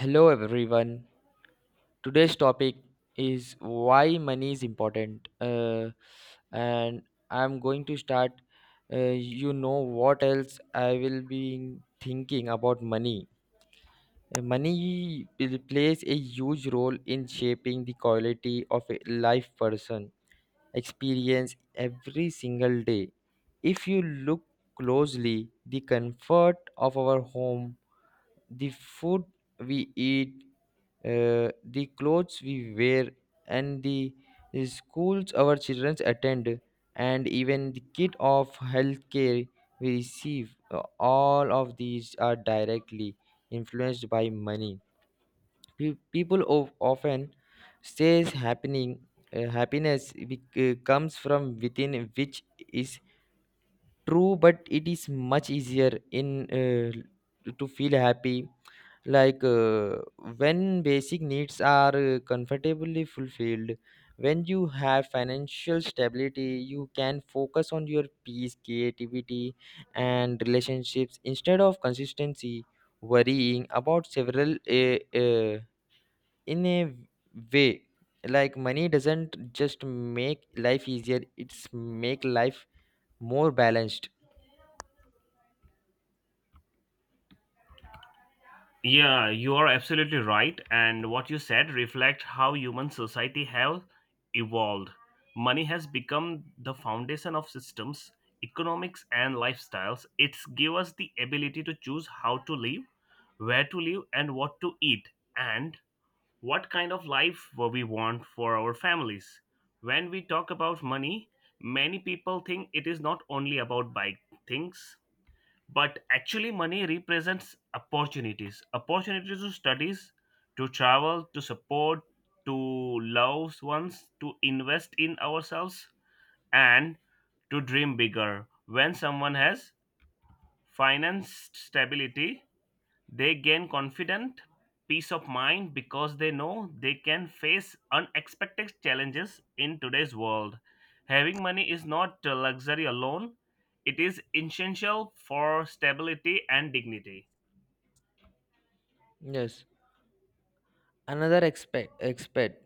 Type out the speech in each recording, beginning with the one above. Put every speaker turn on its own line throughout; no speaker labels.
Hello everyone. Today's topic is why money is important. And I'm going to start. Uh, you know what else I will be thinking about money. Money plays a huge role in shaping the quality of a life person experience every single day. If you look closely, the comfort of our home, the food we eat, the clothes we wear, and the schools our children attend, and even the kit of healthcare we receive, all of these are directly influenced by money. People of often says happening, happiness comes from within, which is true, but it is much easier in to feel happy, like when basic needs are comfortably fulfilled. When you have financial stability you can focus on your peace, creativity, and relationships instead of consistency worrying about several in a way, like money doesn't just make life easier, it's make life more balanced.
Yeah, you are absolutely right. And what you said reflects how human society have evolved. Money has become the foundation of systems, economics, and lifestyles. It's give us the ability to choose how to live, where to live, and what to eat, and what kind of life we want for our families. When we talk about money, many people think it is not only about buying things but actually money represents opportunities to studies, to travel, to support, to loved ones, to invest in ourselves, and to dream bigger. When someone has financed stability, they gain confident peace of mind, because they know they can face unexpected challenges in today's world. Having money is not a luxury alone, it is essential for stability and dignity.
Yes, another aspect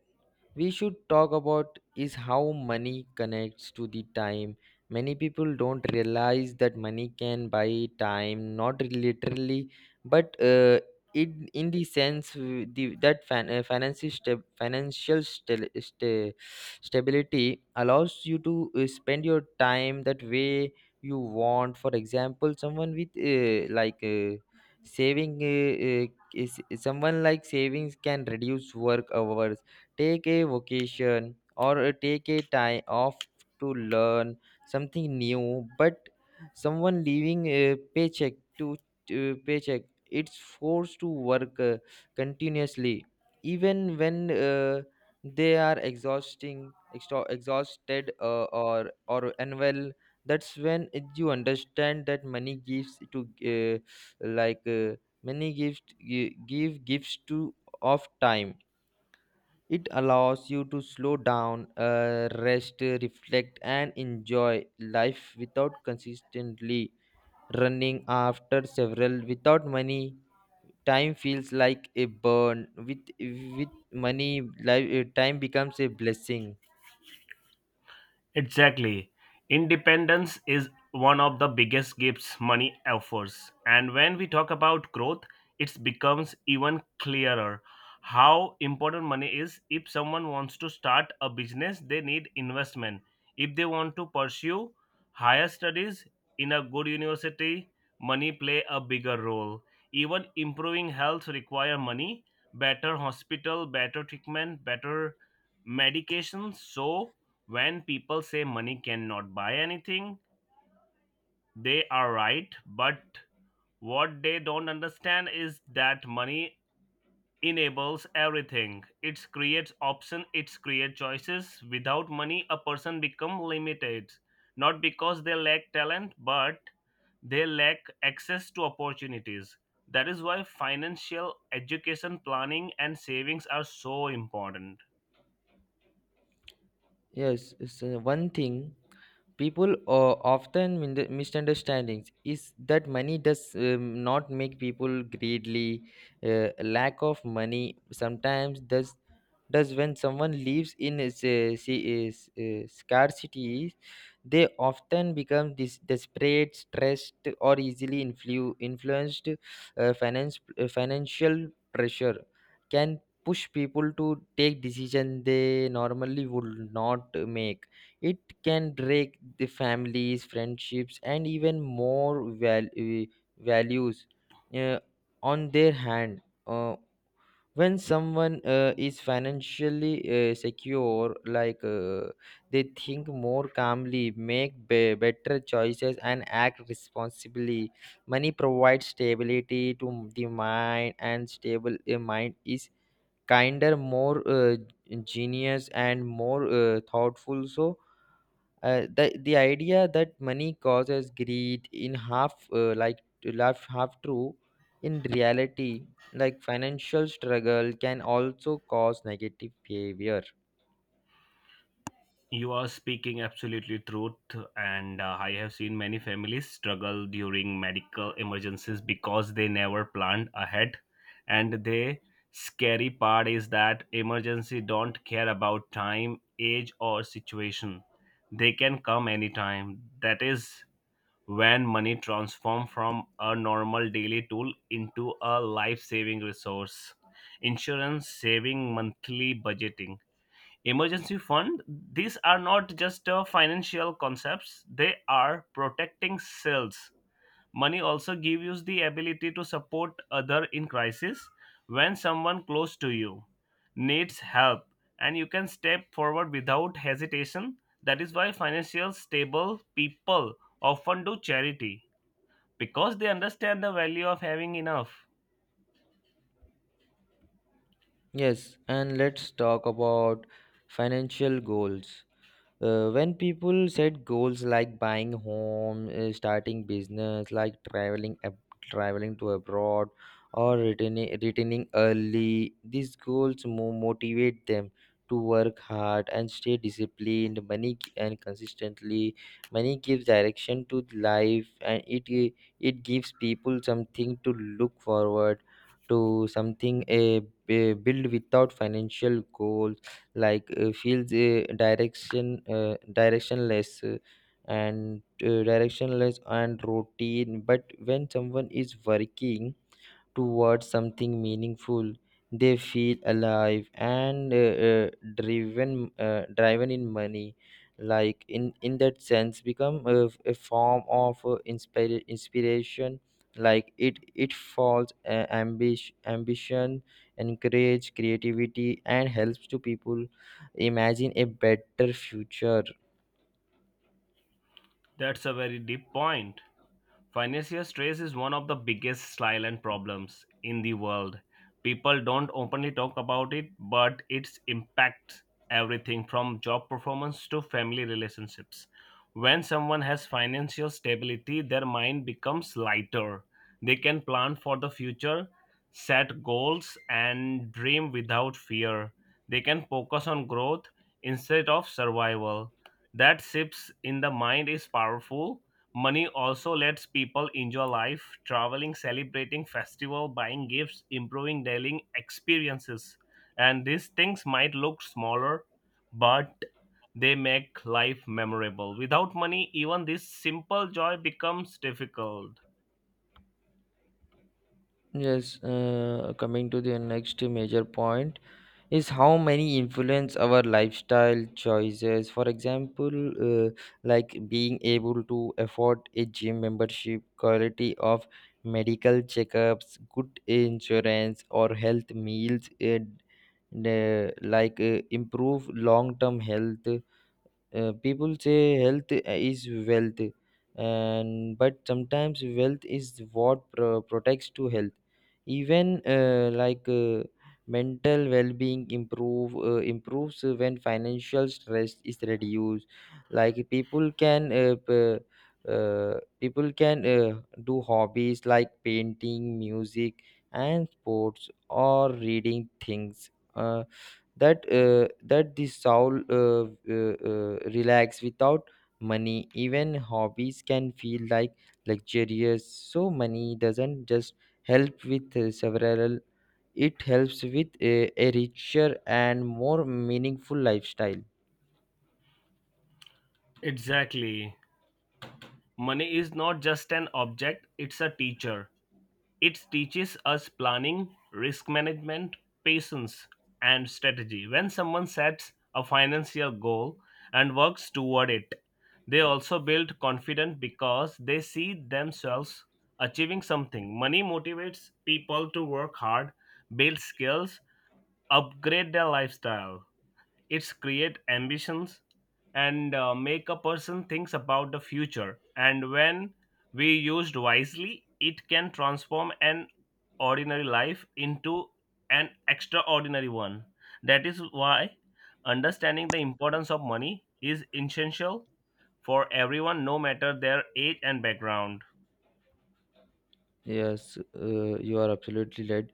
we should talk about is how money connects to the time. Many people don't realize that money can buy time, not literally, but it in the sense w- the that fan, financial sta- sta- stability allows you to spend your time that way you want. For example, someone with like saving is someone like savings can reduce work hours, take a vacation, or take a time off to learn something new. But someone leaving a paycheck to paycheck it's forced to work continuously even when they are exhausting extra, exhausted, or unwell. That's when you understand that money gives to like uh, money gives gi- give gifts to of time. It allows you to slow down, rest, reflect, and enjoy life without consistently running after several. Without money, time feels like a burn. With money, life, time becomes a blessing.
Exactly. Independence is one of the biggest gifts money offers. And when we talk about growth, it becomes even clearer how important money is. If someone wants to start a business, they need investment. If they want to pursue higher studies in a good university, money play a bigger role. Even improving health require money, better hospital, better treatment, better medication. So when people say money cannot buy anything, they are right, but what they don't understand is that money enables everything. It creates options, it creates choices. Without money, a person becomes limited, not because they lack talent, but they lack access to opportunities. That is why financial education, planning, and savings are so important.
Yes, it's one thing people often misunderstandings is that money does not make people greedily. Lack of money sometimes does. When someone lives in a s- see- is scarcity, they often become desperate, stressed, or easily influenced. Finance Financial pressure can push people to take decision they normally would not make. It can break the families, friendships, and even more val- eh, values. Uh, on their hand, uh, when someone is financially secure, like they think more calmly, make better choices, and act responsibly. Money provides stability to the mind, and stable a mind is kinder, more genius, and more thoughtful. So the idea that money causes greed in half, half true. In reality, like financial struggle can also cause negative behavior.
You are speaking absolutely truth, and I have seen many families struggle during medical emergencies because they never planned ahead. And the scary part is that emergency don't care about time, age, or situation. They can come anytime. That is when money transform from a normal daily tool into a life-saving resource. Insurance, saving, monthly budgeting, emergency fund, these are not just financial concepts, they are protecting sales. Money also gives you the ability to support other in crisis. When someone close to you needs help and you can step forward without hesitation, that is why financial stable people often do charity, because they understand the value of having enough.
Yes, and let's talk about financial goals. When people set goals like buying home, starting business, like traveling to abroad or returning early, these goals motivate them to work hard and stay disciplined. And consistently money gives direction to life, and it gives people something to look forward to, something a build. Without financial goals, like feels directionless, and directionless and routine. But when someone is working towards something meaningful they feel alive and driven in money, like in that sense become a form of inspiration. Like it falls ambition, encourage creativity, and helps to people imagine a better future.
That's a very deep point. Financial stress is one of the biggest silent problems in the world. People don't openly talk about it, but it impacts everything from job performance to family relationships. When someone has financial stability, their mind becomes lighter. They can plan for the future, set goals, and dream without fear. They can focus on growth instead of survival. That shifts in the mind is powerful. Money also lets people enjoy life, traveling, celebrating festival, buying gifts, improving daily experiences. And these things might look smaller, but they make life memorable. Without money, even this simple joy becomes difficult.
Yes, coming to the next major point, is how many influence our lifestyle choices. For example, uh, like being able to afford a gym membership, quality of medical checkups, good insurance, or health meals, improve long term health. People say health is wealth, and but sometimes wealth is what protects to health. Even mental well-being improves when financial stress is reduced. Like people can people can do hobbies like painting, music, and sports, or reading things, Uh, that the soul relax. Without money, even hobbies can feel like luxurious. So money doesn't just help with several, it helps with a richer and more meaningful lifestyle.
Exactly. Money is not just an object, it's a teacher. It teaches us planning, risk management, patience, and strategy. When someone sets a financial goal and works toward it, they also build confidence because they see themselves achieving something. Money motivates people to work hard, build skills, upgrade their lifestyle. It's create ambitions and make a person thinks about the future. And when we used wisely, it can transform an ordinary life into an extraordinary one. That is why understanding the importance of money is essential for everyone, no matter their age and background.
Yes, you are absolutely right.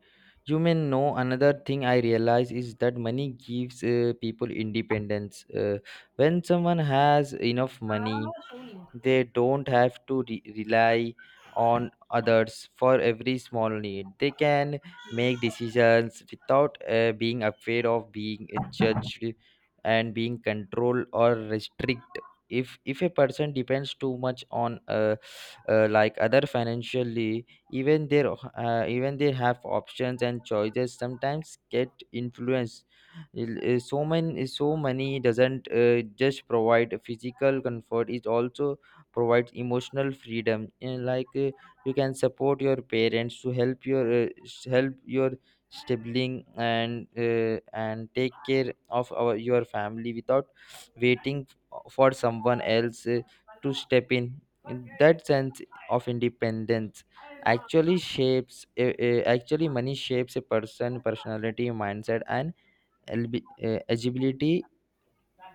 You may know, another thing I realize is that money gives people independence. When someone has enough money they don't have to rely on others for every small need. They can make decisions without being afraid of being judged and being controlled or restrict. If a person depends too much on other financially, even their, even they have options and choices sometimes get influenced. So many, so many doesn't just provide physical comfort, it also provides emotional freedom. And like you can support your parents, to help your help your sibling, and take care of our your family without waiting for someone else to step in. In that sense of independence actually shapes actually money shapes a person personality, mindset, and agility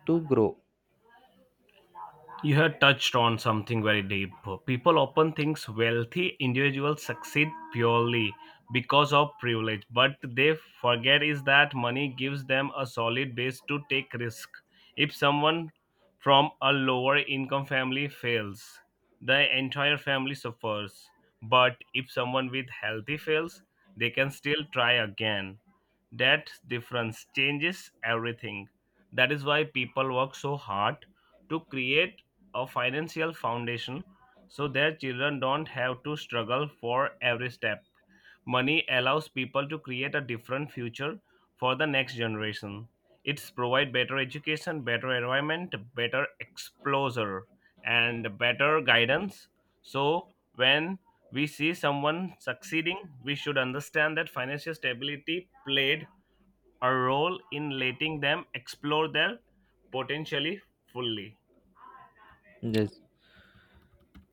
to grow.
You have touched on something very deep. People often think wealthy individuals succeed purely because of privilege, but they forget is that money gives them a solid base to take risk. If someone from a lower income family fails, the entire family suffers. But if someone with healthy fails, they can still try again. That difference changes everything. That is why people work so hard to create a financial foundation, so their children don't have to struggle for every step. Money allows people to create a different future for the next generation. It's provide better education, better environment, better exposure, and better guidance. So when we see someone succeeding, we should understand that financial stability played a role in letting them explore their potentially fully.
Yes.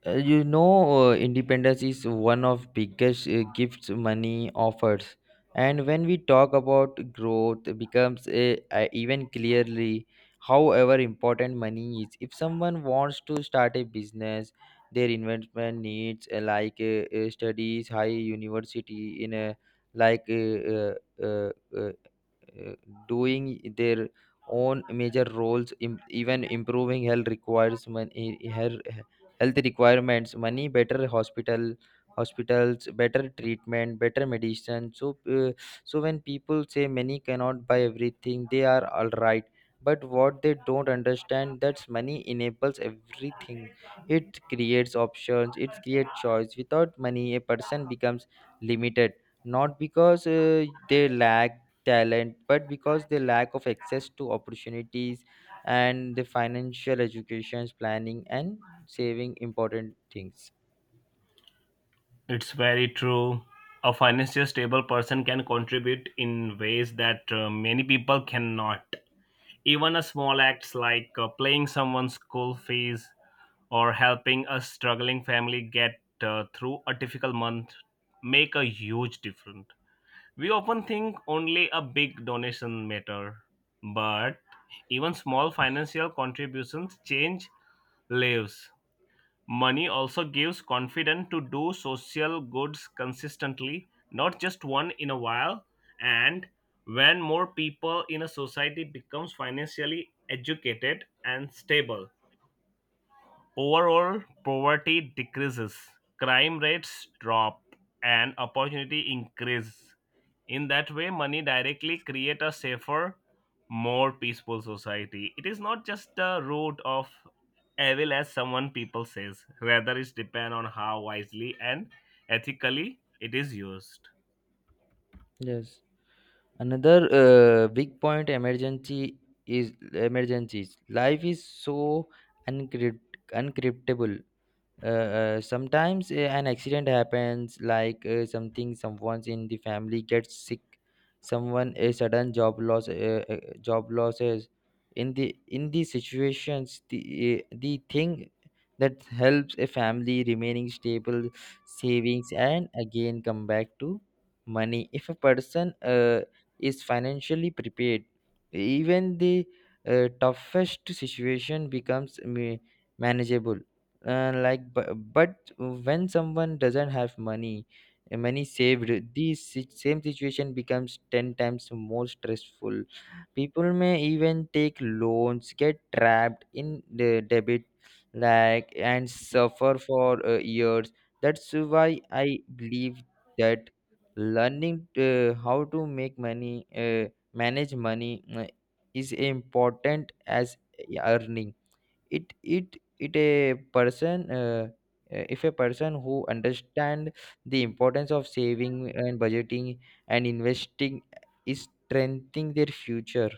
You know, independence is one of biggest gifts money offers, and when we talk about growth, it becomes even clearly however important money is. If someone wants to start a business, their investment needs studies, high university in a like uh, uh, uh, uh, doing their own major roles. Even improving health requires money, health requirements money, better hospital, hospitals, better treatment, better medicine. So uh, so when people say money cannot buy everything, they are all right, but what they don't understand that's money enables everything. It creates options, it creates choice. Without money a person becomes limited, not because they lack talent, but because the lack of access to opportunities. And the financial educations, planning, and saving important things.
It's very true. A financially stable person can contribute in ways that many people cannot. Even a small acts like paying someone's school fees or helping a struggling family get through a difficult month make a huge difference. We often think only a big donation matter, but even small financial contributions change lives. Money also gives confidence to do social goods consistently, not just one in a while. And when more people in a society becomes financially educated and stable, overall, poverty decreases, crime rates drop, and opportunity increase. In that way, money directly create a safer, more peaceful society. It is not just the root of evil as someone people says. Rather, it depend on how wisely and ethically it is used.
Yes, another big point emergency is emergencies. Life is so uncryptable. Sometimes an accident happens, like something, someone in the family gets sick, someone a sudden job loss, job losses. In the in these situations the thing that helps a family remaining stable, savings, and again come back to money. If a person is financially prepared, even the toughest situation becomes manageable. But when someone doesn't have money, money saved, this same situation becomes 10 times more stressful. People may even take loans, get trapped in the debit, like and suffer for years. That's why I believe that learning how to make money, manage money, is important as earning it. A person, if a person who understand the importance of saving and budgeting and investing is strengthening their future.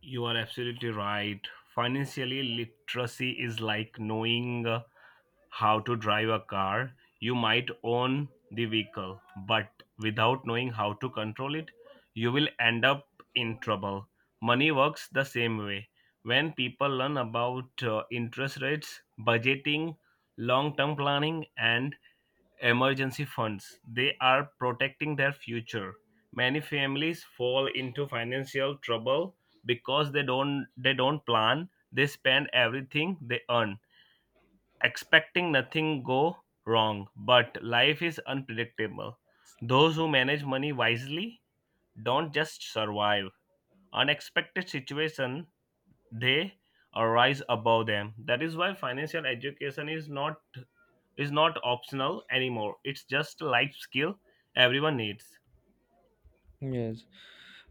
You are absolutely right. Financially, literacy is like knowing how to drive a car. You might own the vehicle, but without knowing how to control it, you will end up in trouble. Money works the same way. When people learn about interest rates, budgeting, long term planning, and emergency funds, they are protecting their future. Many families fall into financial trouble because they don't plan. They spend everything they earn, expecting nothing go wrong. But life is unpredictable. Those who manage money wisely don't just survive. Unexpected situation they arise above them. That is why financial education is not optional anymore. It's just a life skill everyone needs.
Yes,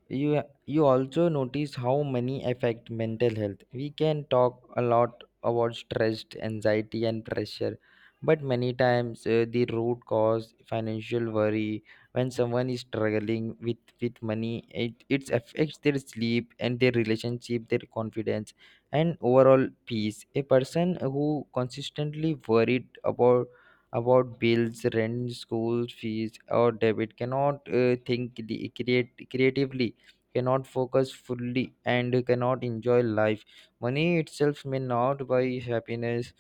you you also notice how money affect mental health. We can talk a lot about stress, anxiety, and pressure, but many times the root cause financial worry. When someone is struggling with money it affects their sleep and their relationship, their confidence, and overall peace. A person who consistently worried about bills, rent, school fees, or debit cannot think the, create, creatively, cannot focus fully, and cannot enjoy life. Money itself may not buy happiness,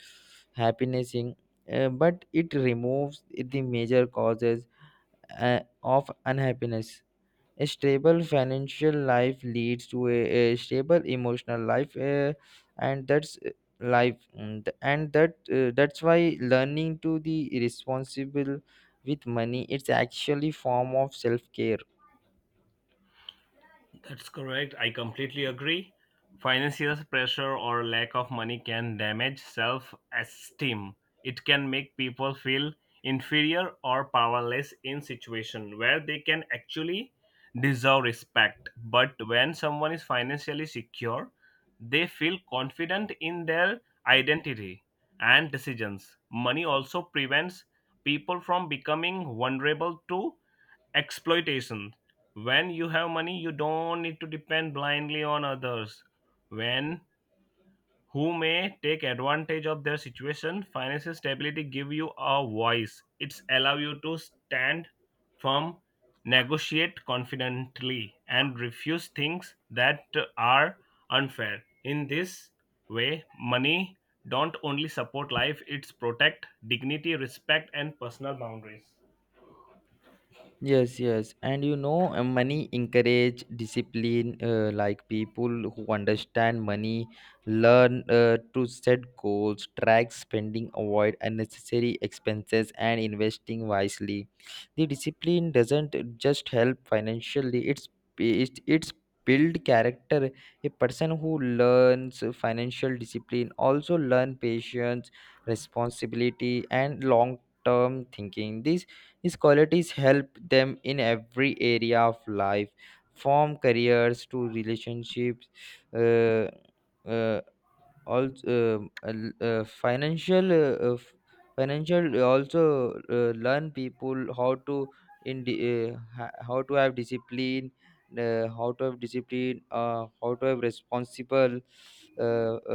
happiness in but it removes the major causes of unhappiness. A stable financial life leads to a stable emotional life, and that's life and that that's why learning to be responsible with money it's actually form of self care.
That's correct. I completely agree. Financial pressure or lack of money can damage self esteem. It can make people feel inferior or powerless in situation where they can actually deserve respect. But when someone is financially secure, they feel confident in their identity and decisions. Money also prevents people from becoming vulnerable to exploitation. When you have money, you don't need to depend blindly on others when who may take advantage of their situation. Financial stability give you a voice, it's allow you to stand firm, negotiate confidently, and refuse things that are unfair. In this way, money don't only support life, it's protect dignity, respect, and personal boundaries.
Yes, yes, and you know, money encourage discipline. Like people who understand money learn to set goals, track spending, avoid unnecessary expenses, and investing wisely. The discipline doesn't just help financially; it's build character. A person who learns financial discipline also learn patience, responsibility, and long term thinking. This his qualities help them in every area of life, from careers to relationships, uh, uh, also financial financial also learn people how to how to have discipline how to have responsible uh,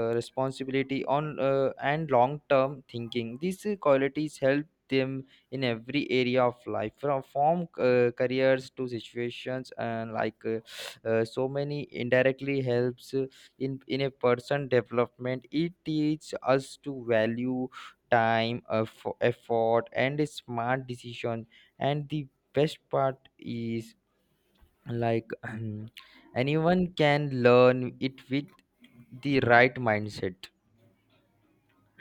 uh, responsibility on and long term thinking, these qualities help them in every area of life from careers to situations and so many indirectly helps in a person development. It teaches us to value time, effort, and a smart decision. And the best part is like anyone can learn it with the right mindset.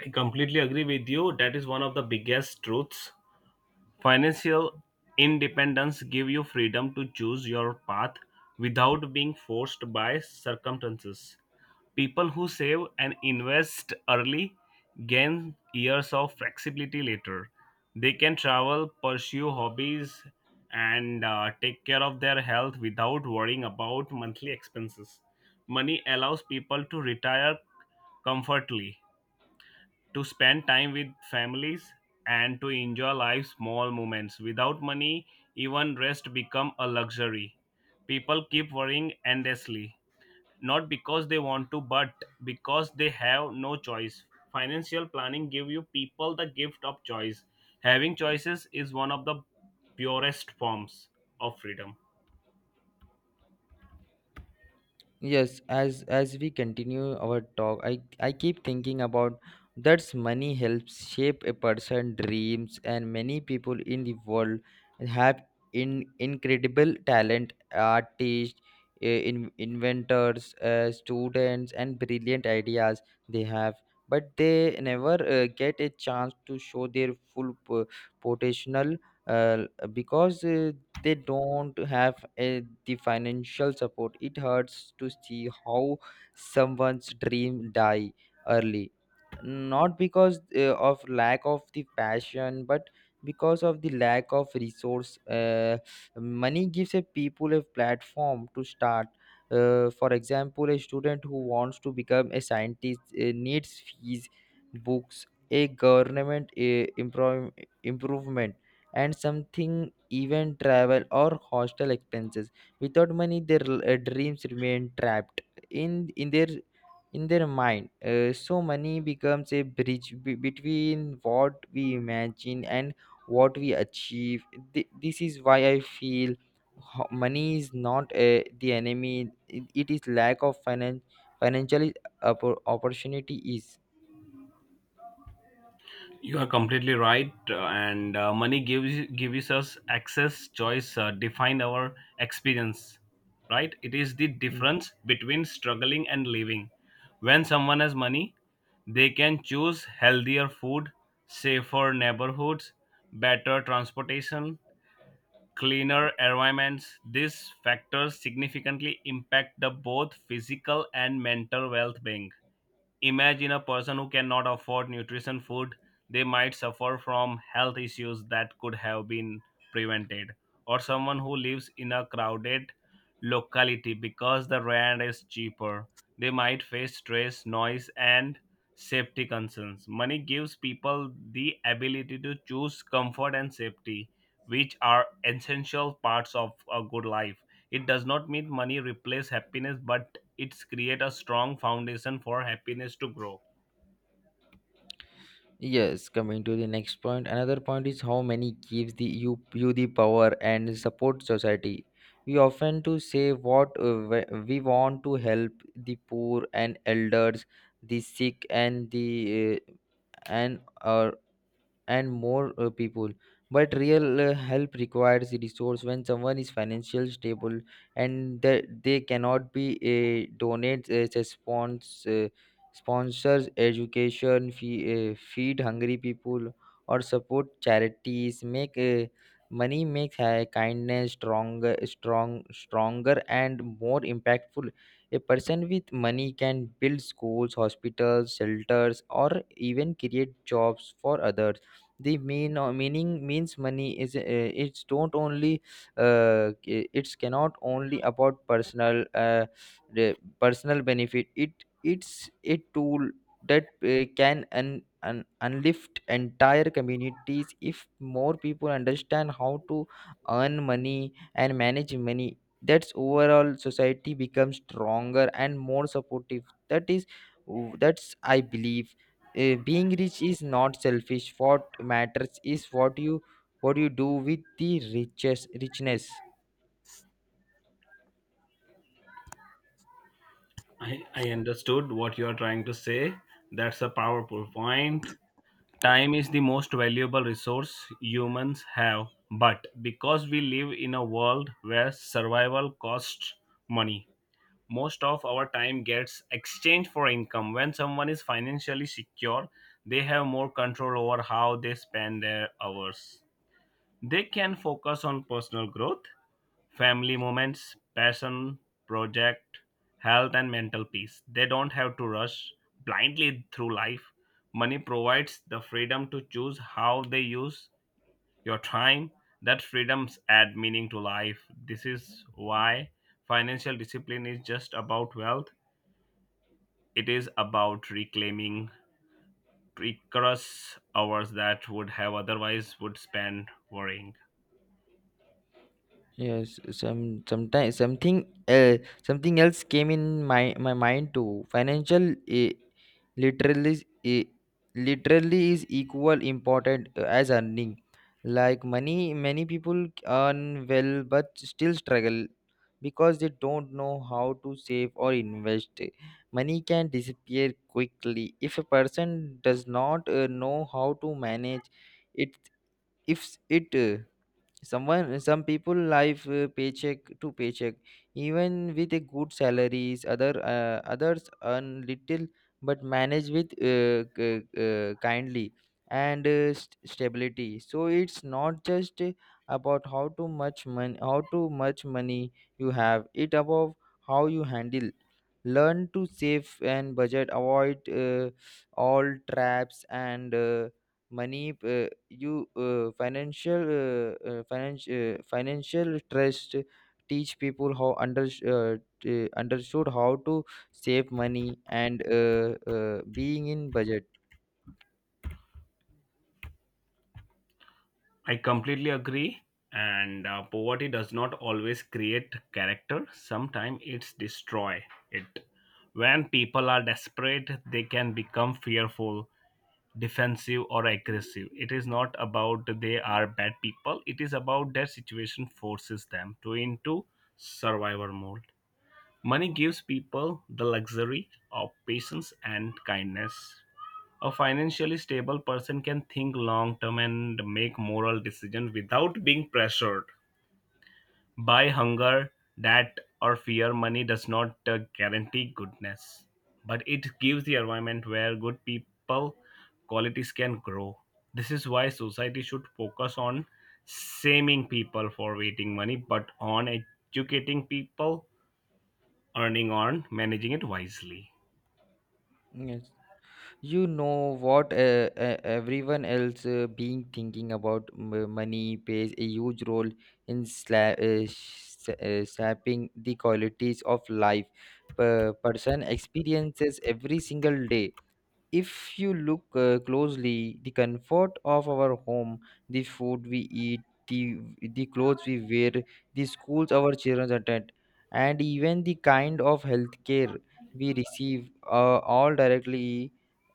I completely agree with you. That is one of the biggest truths. Financial independence give you freedom to choose your path without being forced by circumstances. People who save and invest early gain years of flexibility later. They can travel, pursue hobbies, and take care of their health without worrying about monthly expenses. Money allows people to retire comfortably, to spend time with families, and to enjoy life's small moments. Without money, even rest become a luxury. People keep worrying endlessly, not because they want to, but because they have no choice. Financial planning give you people the gift of choice. Having choices is one of the purest forms of freedom.
Yes, as we continue our talk, I keep thinking about that's money helps shape a person's dreams, and many people in the world have in incredible talent, artists, inventors, students, and brilliant ideas they have, but they never get a chance to show their full potential, uh, because they don't have a, the financial support. It hurts to see how someone's dream die early, not because of lack of the passion but because of the lack of resource. Uh, money gives a people a platform to start. Uh, for example, a student who wants to become a scientist needs fees, books, a government improvement, and something even travel or hostel expenses. Without money their dreams remain trapped in in their in their mind. Uh, so money becomes a bridge between what we imagine and what we achieve. This is why I feel money is not the enemy, it is lack of financial opportunity is.
You are completely right, and money gives us access, choice, define our experience. Right? It is the
Hmm.
difference between struggling and living. When someone has money, they can choose healthier food, safer neighborhoods, better transportation, cleaner environments. These factors significantly impact the both physical and mental well-being. Imagine a person who cannot afford nutrition food. They might suffer from health issues that could have been prevented. Or someone who lives in a crowded locality because the rent is cheaper. They might face stress, noise, and safety concerns. Money gives people the ability to choose comfort and safety, which are essential parts of a good life. It does not mean money replaces happiness, but it's create a strong foundation for happiness to grow.
Yes, coming to the next point, another point is how money gives the you you the power and support society. We often to say what we want to help the poor and elders, the sick and the and uh, and more people, but real help requires resource. When someone is financially stable and that they cannot be, donate, sponsors education fee, feed hungry people or support charities, make money makes kindness stronger and more impactful. A person with money can build schools, hospitals, shelters, or even create jobs for others. The mean or meaning means money is, it's don't only, it's cannot only about personal, the personal benefit. It it's a tool that can unlift entire communities. If more people understand how to earn money and manage money, that's overall society becomes stronger and more supportive. That is, that's I believe, being rich is not selfish. What matters is what you do with the riches richness.
I understood what you are trying to say. That's a powerful point. Time is the most valuable resource humans have, but because we live in a world where survival costs money, most of our time gets exchanged for income. When someone is financially secure, they have more control over how they spend their hours. They can focus on personal growth, family moments, passion, project, health, and mental peace. They don't have to rush blindly through life. Money provides the freedom to choose how they use your time. That freedoms add meaning to life. This is why financial discipline is just about wealth. It is about reclaiming precarious hours that would have otherwise would spend worrying.
Yes, sometimes something, uh, something else came in my mind too. Financial, uh, literally, uh, literally is equal important as earning. Like money, many people earn well but still struggle because they don't know how to save or invest. Money can disappear quickly if a person does not know how to manage it. If it Someone, some people live paycheck to paycheck even with a good salaries. Other others earn little but manage with kindly and stability. So it's not just about how too much money you have, it above how you handle. Learn to save and budget, avoid all traps and, money you financial, financial trust teach people how understood how to save money and being in budget.
I completely agree. And poverty does not always create character. Sometimes it's destroy it. When people are desperate, they can become fearful, defensive, or aggressive. It is not about they are bad people. It is about their situation forces them to into survivor mode. Money gives people the luxury of patience and kindness. A financially stable person can think long term and make moral decisions without being pressured by hunger, debt, or fear. Money does not guarantee goodness, but it gives the environment where good people qualities can grow. This is why society should focus on shaming people for waiting money, but on educating people, earning on managing it wisely.
Yes. You know what, everyone else being thinking about money plays a huge role in shaping the qualities of life per person experiences every single day. If you look closely, the comfort of our home, the food we eat, the clothes we wear, the schools our children attend, and even the kind of healthcare we receive all directly,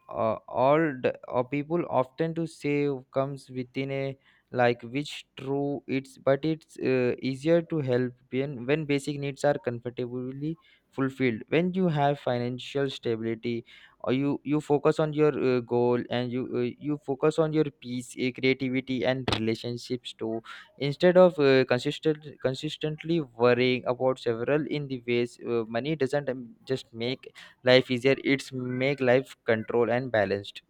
uh, people often to say comes within a, like, which true it's. But it's easier to help when basic needs are comfortably fulfilled. When you have financial stability, or you focus on your goal, and you focus on your peace, creativity, and relationships too, instead of consistently worrying about several in the ways. Uh, money doesn't just make life easier, it's make life control and balanced.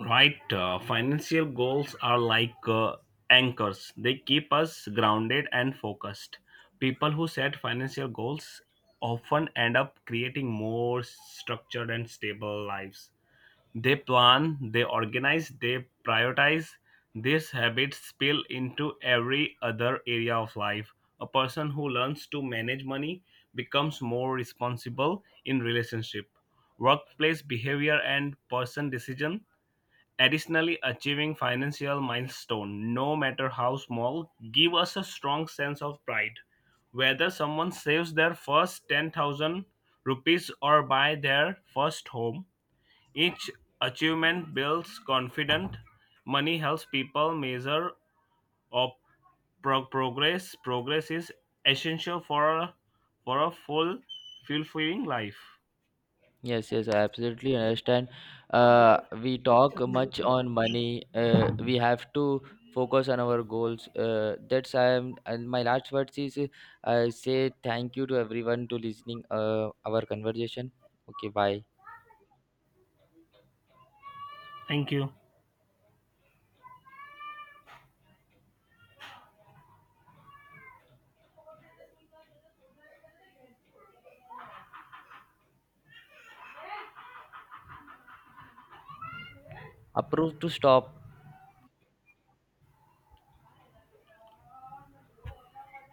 Right, financial goals are like anchors. They keep us grounded and focused. People who set financial goals often end up creating more structured and stable lives. They plan, they organize, they prioritize. These habits spill into every other area of life. A person who learns to manage money becomes more responsible in relationship, workplace behavior, and person decision. Additionally, achieving financial milestone, no matter how small, give us a strong sense of pride. Whether someone saves their first 10,000 rupees or buy their first home, each achievement builds confidence. Money helps people measure of progress. Progress is essential for a full fulfilling life.
Yes, yes, I absolutely understand. We talk much on money. We have to focus on our goals. That's I am. And my last words is, I say thank you to everyone to listening our conversation. Okay, bye.
Thank you.
Approve to stop.